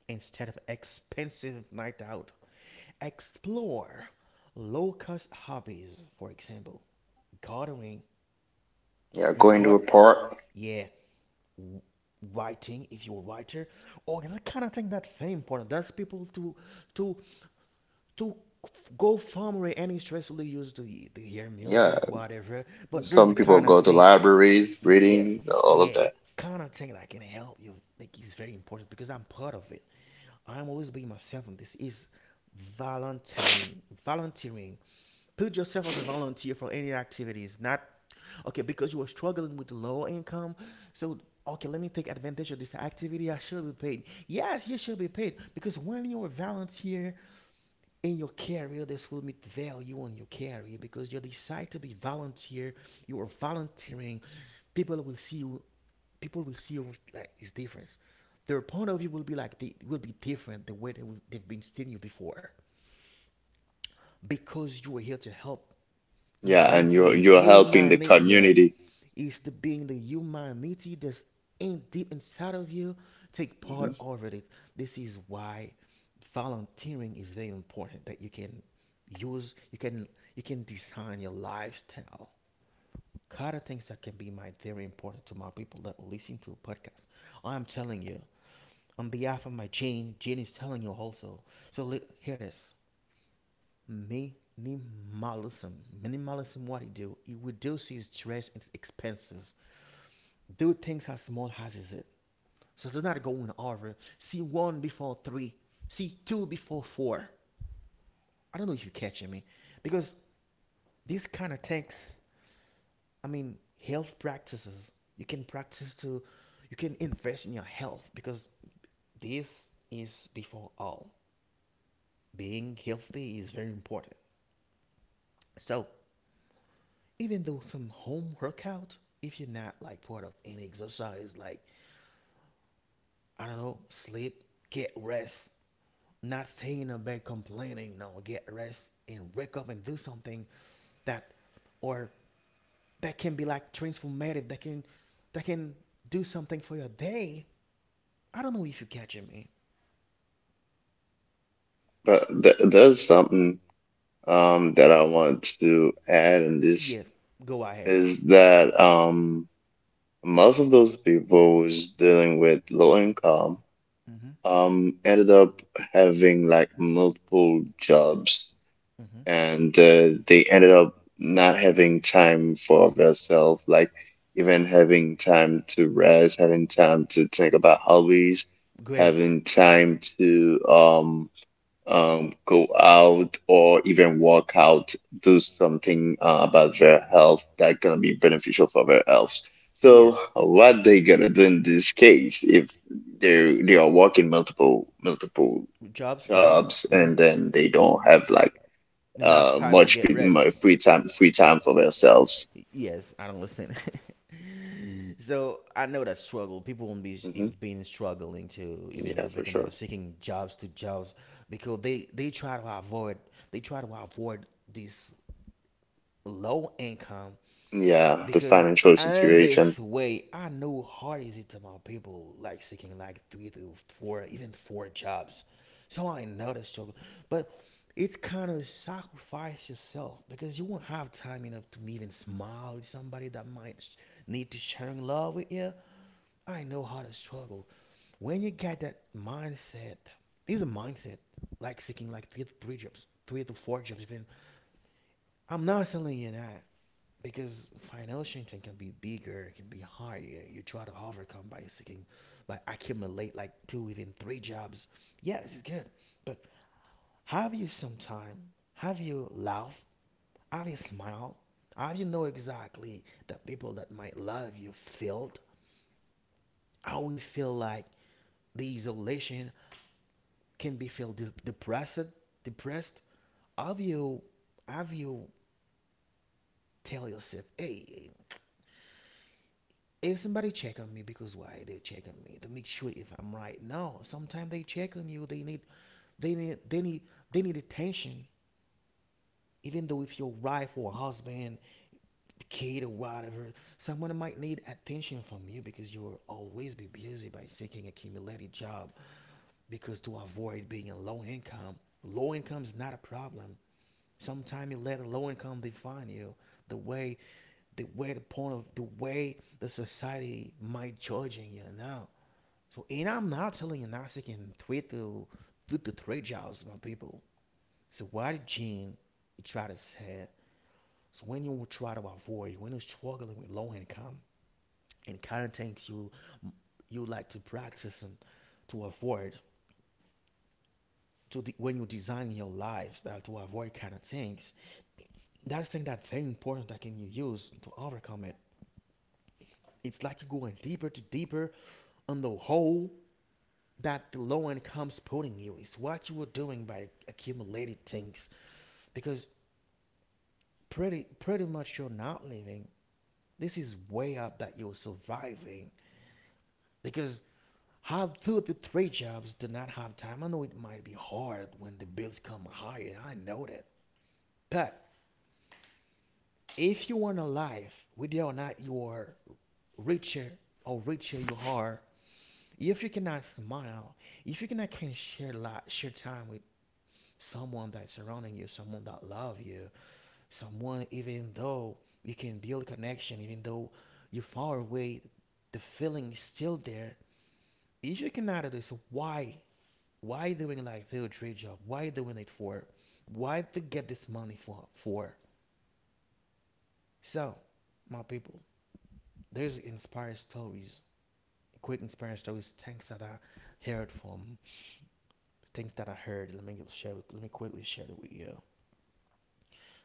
[SPEAKER 1] Instead of expensive night out. Explore low cost hobbies, for example, gardening.
[SPEAKER 2] Yeah,
[SPEAKER 1] I mean,
[SPEAKER 2] going to
[SPEAKER 1] gar-
[SPEAKER 2] a park.
[SPEAKER 1] yeah, writing if you're a writer, or that kind of thing that's very important. That's people to to to go from where any stress really used to to hear
[SPEAKER 2] Yeah,
[SPEAKER 1] music, whatever. But there's
[SPEAKER 2] some
[SPEAKER 1] the
[SPEAKER 2] people
[SPEAKER 1] kind of
[SPEAKER 2] go to
[SPEAKER 1] thing,
[SPEAKER 2] libraries,
[SPEAKER 1] yeah,
[SPEAKER 2] reading, all of
[SPEAKER 1] yeah, the
[SPEAKER 2] that.
[SPEAKER 1] kind of thing that can help you. I think is very important because I'm part of it. I'm always being myself, and this is volunteering. Volunteering. Put yourself as a volunteer for any activities, not okay, because you are struggling with low income. So okay, let me take advantage of this activity. I should be paid. Yes, you should be paid because when you are a volunteer in your career, this will meet value on your career because you decide to be volunteer. You are volunteering. People will see you, people will see like it's different. Their point of view will be like they will be different the way they will, they've been seeing you before, because you are here to help. It's
[SPEAKER 2] Yeah,
[SPEAKER 1] being
[SPEAKER 2] and
[SPEAKER 1] from
[SPEAKER 2] you're
[SPEAKER 1] the
[SPEAKER 2] you're helping the
[SPEAKER 1] humanity. Yeah,
[SPEAKER 2] community.
[SPEAKER 1] it's the being the humanity that's in deep inside of you. Take
[SPEAKER 2] Hmm.
[SPEAKER 1] part over it. This is why volunteering is very important. That you can use, you can you can design your lifestyle. Kind of things that can be my very important to my people that will listen to a podcast. I'm telling you, on behalf of my Jane, Jane is telling you also. So li- here it is. Minimalism. Minimalism, what it do? It reduces stress and expenses. Do things as small as is it. So do not go in order. See one before three. See two before four. I don't know if you're catching me. Because this kind of things. I mean, health practices. You can practice to, you can invest in your health because this is before all. Being healthy is very important. So even though some home workout, if you're not like part of any exercise, like I don't know, sleep, get rest, not staying in bed complaining, no, get rest and wake up and do something that or that can be like transformative, that can that can do something for your day. I don't know if you catching me.
[SPEAKER 2] But th there's something um, that I want to add in this,
[SPEAKER 1] Yeah, go ahead.
[SPEAKER 2] is that um, most of those people who's dealing with low income
[SPEAKER 1] Mm-hmm.
[SPEAKER 2] um, ended up having like multiple jobs,
[SPEAKER 1] Mm-hmm.
[SPEAKER 2] and uh, they ended up not having time for themselves, like even having time to rest, having time to think about hobbies,
[SPEAKER 1] Great.
[SPEAKER 2] having time to um. um, go out or even work out, do something uh, about their health that gonna be beneficial for their health. So
[SPEAKER 1] Yes.
[SPEAKER 2] what they gonna do in this case if they they are working multiple multiple
[SPEAKER 1] Jobs. Mm-hmm.
[SPEAKER 2] jobs
[SPEAKER 1] Mm-hmm.
[SPEAKER 2] and then they don't have like
[SPEAKER 1] Enough
[SPEAKER 2] uh
[SPEAKER 1] time to
[SPEAKER 2] much
[SPEAKER 1] get
[SPEAKER 2] free,
[SPEAKER 1] rest.
[SPEAKER 2] mu- free time, free time for themselves.
[SPEAKER 1] Yes, I don't listen. So I know that struggle. People won't be
[SPEAKER 2] Hmm.
[SPEAKER 1] e- being struggling to even
[SPEAKER 2] Yeah,
[SPEAKER 1] though
[SPEAKER 2] for
[SPEAKER 1] become they're
[SPEAKER 2] sure.
[SPEAKER 1] seeking jobs to jobs because they they try to avoid they try to avoid this low income
[SPEAKER 2] Yeah, the
[SPEAKER 1] because
[SPEAKER 2] financial
[SPEAKER 1] in
[SPEAKER 2] situation.
[SPEAKER 1] this way I know how how is it to my people like seeking like three to four even four jobs, so I know the struggle. But it's kind of sacrifice yourself because you won't have time enough to even smile with somebody that might sh- need to sharing love with you. I know how to struggle when you get that mindset. It's a mindset like seeking like three, three jobs three to four jobs even. I'm not selling you that because financial Shinten can be bigger, it can be higher. You try to overcome by seeking, by accumulate like two, even three jobs. Yeah, this is good. But have you some time? Have you laughed? Have you smiled? Have you know exactly the people that might love you felt? How we feel like the isolation can be feel de- depressed, depressed. Have you, have you tell yourself, hey, if somebody check on me because why they check on me to make sure if I'm right? No, sometimes they check on you they need they need they need they need attention. Even though if your wife or husband, kid or whatever, someone might need attention from you because you will always be busy by seeking accumulated job, because to avoid being a low income. Low income is not a problem. Sometimes you let a low income define you the way the way the point of the way the society might judging you now. So, and I'm not telling you Nasik can tweet the do the three jobs, my people. So why did Gene try to say? So when you try to avoid, when you're struggling with low income and current things you you like to practice and to avoid to de- when you design your lifestyle to avoid kind of things. That's thing that's very important that can you use to overcome it. It's like you're going deeper to deeper on the hole that the low income's putting you. It's what you were doing by accumulating things because pretty pretty much you're not living. This is way up that you're surviving because how two to three jobs do not have time. I know it might be hard when the bills come higher. I know that, but if you want a life, whether or not you are richer or richer you are, if you cannot smile, if you cannot can share li share time with someone that's surrounding you, someone that love you, someone even though you can build connection even though you're far away, the feeling is still there. If you cannot do this, so why why doing like field trade job, why doing it for, why to get this money for for so my people. There's inspired stories, quick inspired stories, things that I heard from, things that I heard, let me share, let me quickly share it with you.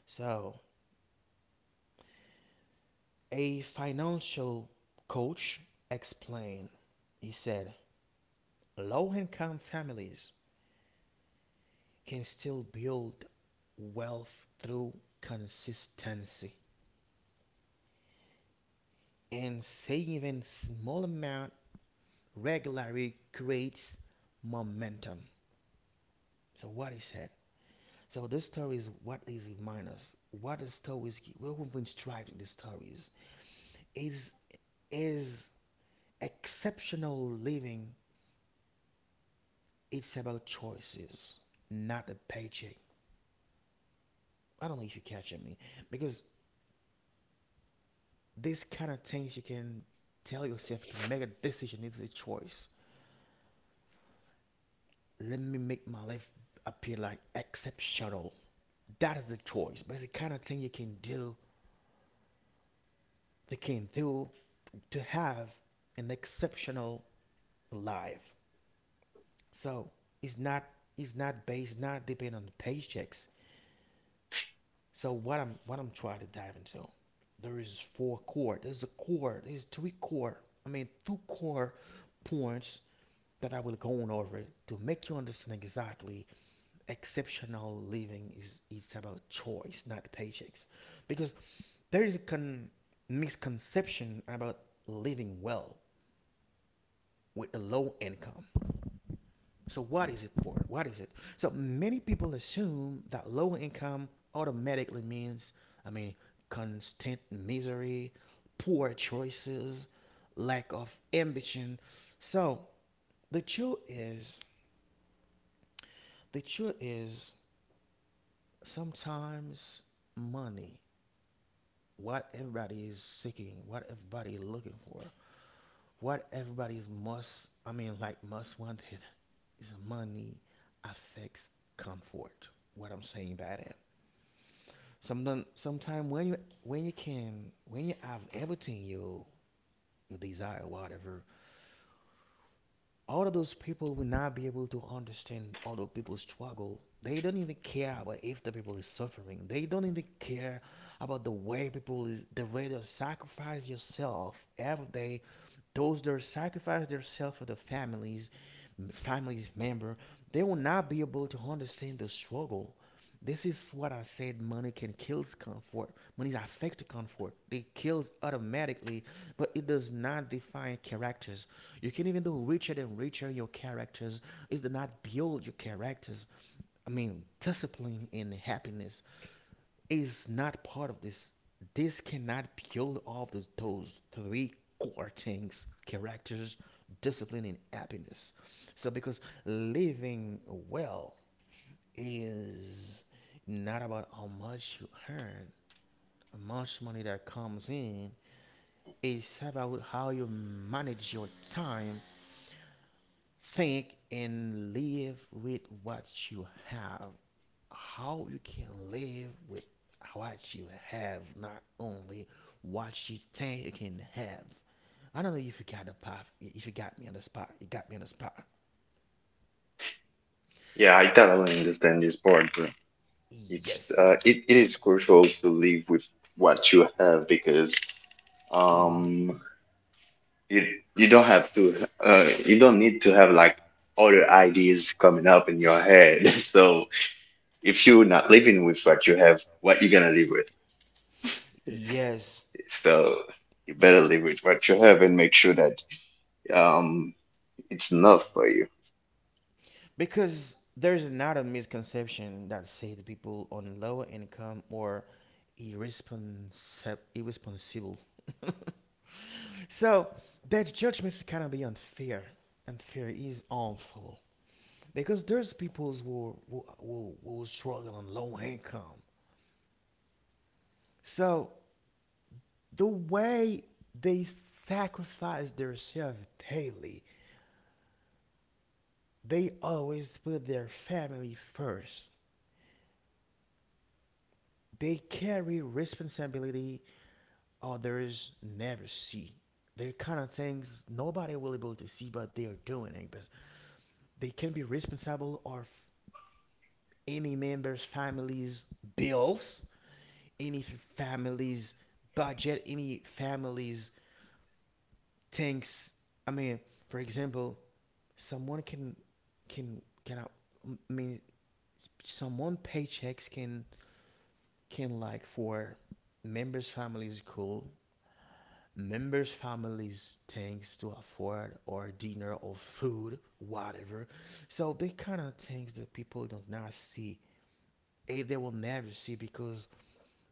[SPEAKER 1] So a financial coach explained. He said low income families can still build wealth through consistency, and saving small amount regularly creates momentum. So what is that? So this story is what is remind us what the stories what we've been striving the stories is is exceptional living. It's about choices, not a paycheck. I don't know if you catch me, because these kind of things you can tell yourself, you can make a decision, it's a choice. Let me make my life appear like exceptional. That is a choice, but it's the kind of thing you can do, they can do to have an exceptional life. So it's not it's not based, not dependent on the paychecks. So what I'm what I'm trying to dive into, there is four core. There's a core. There's three core. I mean two core points that I will go on over to make you understand exactly exceptional living is is about choice, not paychecks, because there is a con- misconception about living well with a low income. So what is it for? What is it? So many people assume that low income automatically means, I mean, constant misery, poor choices, lack of ambition. So the truth is, the truth is sometimes money, what everybody is seeking, what everybody is looking for, what everybody's must, I mean, like must wanted is money affects comfort. What I'm saying by that: sometimes, sometime when you when you can when you have everything you you desire, whatever, all of those people will not be able to understand all the people's struggle. They don't even care about if the people is suffering. They don't even care about the way people is the way they sacrifice yourself every day. Those that sacrifice themselves for the families, families member, they will not be able to understand the struggle. This is what I said. Money can kill comfort. Money affects comfort. It kills automatically, but it does not define characters. You can even do richer and richer your characters. It does not build your characters. I mean, discipline and happiness is not part of this. This cannot build all the, those three core things: characters, discipline, and happiness. So, because living well is not about how much you earn, how much money that comes in. It's about how you manage your time, think, and live with what you have. How you can live with what you have, not only what you think you can have. I don't know if you got the path, if you got me on the spot. You got me on the spot.
[SPEAKER 2] Yeah, I totally understand this part. It's
[SPEAKER 1] Yes.
[SPEAKER 2] uh, it, it is crucial to live with what you have because
[SPEAKER 1] Mm.
[SPEAKER 2] um you you don't have to uh, you don't need to have like other ideas coming up in your head. So if you're not living with what you have, what you gonna live with?
[SPEAKER 1] Yes,
[SPEAKER 2] So you better live with what you have and make sure that um it's enough for you.
[SPEAKER 1] because there's not a misconception that say the people on low income or irresponsi- irresponsible. So that judgment is kind of be unfair. Unfair is harmful because there's people who who, who who struggle on low income. So the way they sacrifice themselves daily, they always put their family first. They carry responsibility, oh, there is never see. They're kind of things nobody will be able to see, but they are doing it. But they can be responsible of any member's family's bills, any f- family's budget, any family's things. I mean, for example, someone can can can I mean someone paychecks can can like for members' families cool members' families thanks to afford or dinner or food, whatever. So they kind of things that people do not see, a they will never see because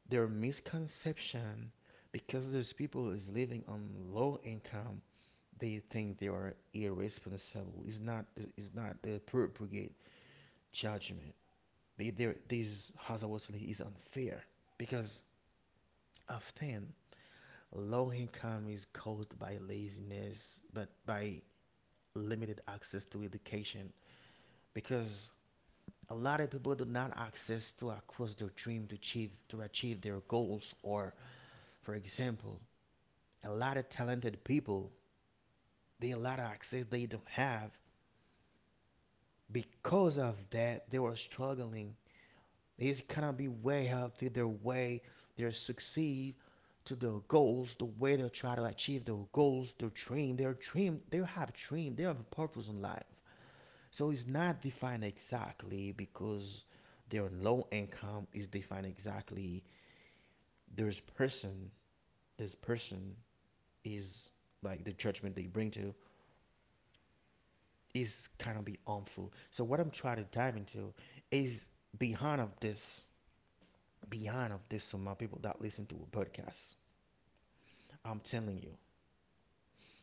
[SPEAKER 1] their misconception, because those people is living on low income, they think they are irresponsible. It's not it's not the appropriate judgment. They, they this hazardously is unfair because often low income is caused by laziness, but by limited access to education, because a lot of people do not access to across their dream to achieve to achieve their goals, or for example a lot of talented people they a lot of access they don't have. Because of that they were struggling, they cannot be way up to their way, they succeed to their goals the way they try to achieve their goals, their dream, their dream, they have a dream, they have a purpose in life. So it's not defined exactly because their low income is defined exactly. There's person, this person is like the judgment they bring to is kind of be harmful. So what I'm trying to dive into is behind of this, behind of this. So my people that listen to a podcast, I'm telling you.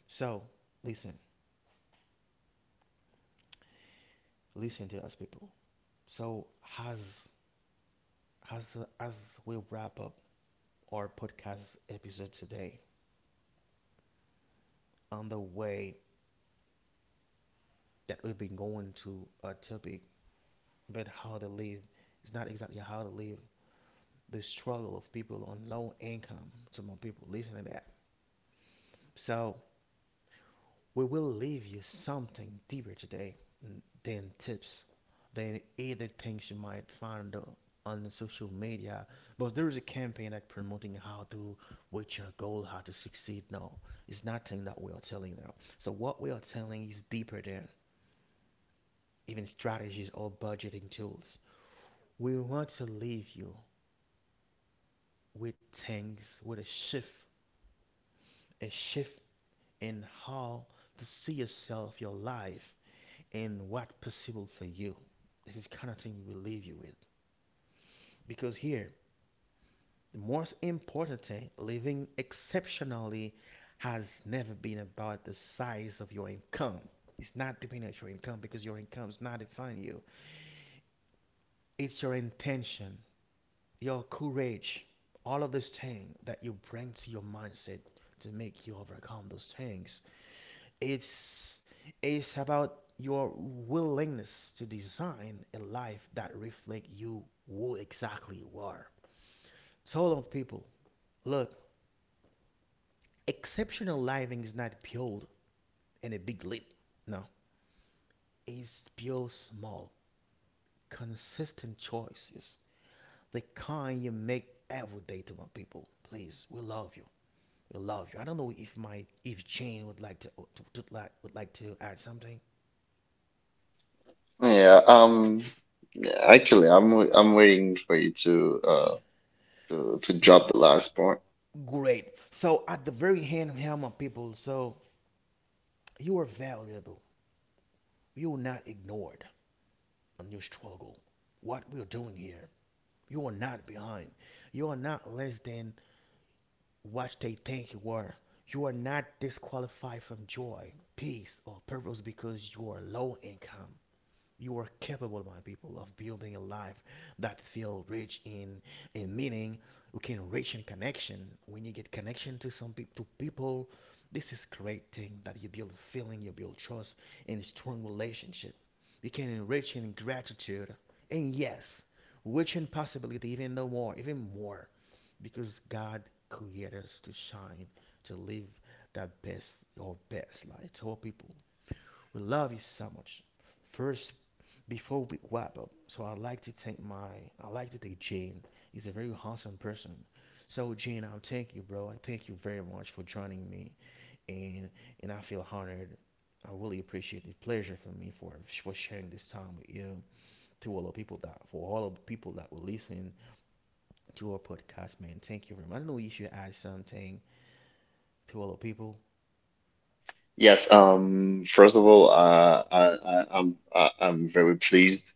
[SPEAKER 1] So listen, listen to us people. So as as as we wrap up our podcast episode today, on the way that we've been going to a topic about how to live. It's not exactly how to live, the struggle of people on low income. So more people listen to that. So we will leave you something deeper today than tips, than either things you might find on social media. But there is a campaign that promoting how to reach your goal, how to succeed. No, it's nothing that we are telling now. So what we are telling is deeper than even strategies or budgeting tools. We want to leave you with things with a shift, a shift in how to see yourself, your life, and what possible for you. This is kind of thing we will leave you with. Because here, the most important thing, living exceptionally has never been about the size of your income. It's not depending on your income because your income is not defining you. It's your intention, your courage, all of these things that you bring to your mindset to make you overcome those things. It's it's about your willingness to design a life that reflects you who exactly you are. So a lot of people, look, exceptional living is not built in a big leap. No. It's built small, consistent choices. The kind you make every day to my people. Please, we love you. We love you. I don't know if my if Jane would like to, to, to like would like to add something.
[SPEAKER 2] Yeah, um, yeah, actually, I'm w- I'm waiting for you to uh to to drop the last point.
[SPEAKER 1] Great. So at the very hand helm of people, so you are valuable. You are not ignored on your struggle. What we are doing here, you are not behind. You are not less than what they think you are. You are not disqualified from joy, peace, or purpose because you are low income. You are capable, my people, of building a life that feels rich in in meaning. You can enrich in connection. When you get connection to some peop to people, this is great thing that you build feeling, you build trust, and strong relationship. You can enrich in gratitude, and yes, rich in possibility, even though more, even more, because God created us to shine, to live that best, your best light to all people. We love you so much. First, before we wrap up, so I'd like to thank my, I like to thank Jane. He's a very awesome person. So Jane, I thank you, bro. I thank you very much for joining me, and and I feel honored. I really appreciate it. Pleasure for me for for sharing this time with you, to all the people that for all of the people that will listen to our podcast, man. Thank you very much. I don't know if you should add something to all the people.
[SPEAKER 2] Yes, um, first of all, uh, I, I I'm I, I'm very pleased,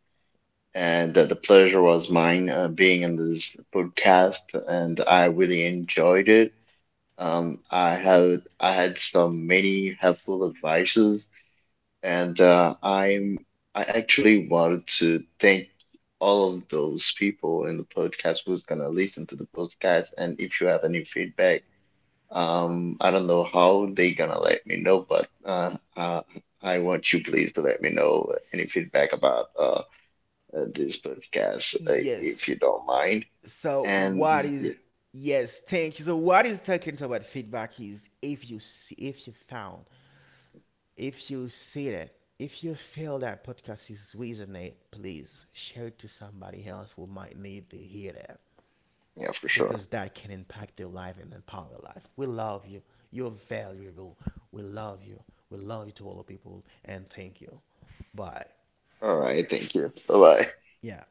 [SPEAKER 2] and uh, the pleasure was mine uh, being in this podcast, and I really enjoyed it. Um, I have I had some many helpful advices. And uh, I'm, I actually wanted to thank all of those people in the podcast who's gonna listen to the podcast. And if you have any feedback, um, I don't know how they gonna let me know, but uh, uh, I want you please to let me know any feedback about uh, uh, this podcast uh,
[SPEAKER 1] Yes.
[SPEAKER 2] if you don't mind.
[SPEAKER 1] So what
[SPEAKER 2] And yeah,
[SPEAKER 1] is yes, thank you. So what is talking about feedback is if you see if you found if you see that if you feel that podcast is resonate, please share it to somebody else who might need to hear that.
[SPEAKER 2] yeah, for sure.
[SPEAKER 1] Because that can impact their life and empower their life. We love you. You're valuable. We love you. We love you to all the people and thank you. But
[SPEAKER 2] All right, thank you. Bye bye.
[SPEAKER 1] yeah,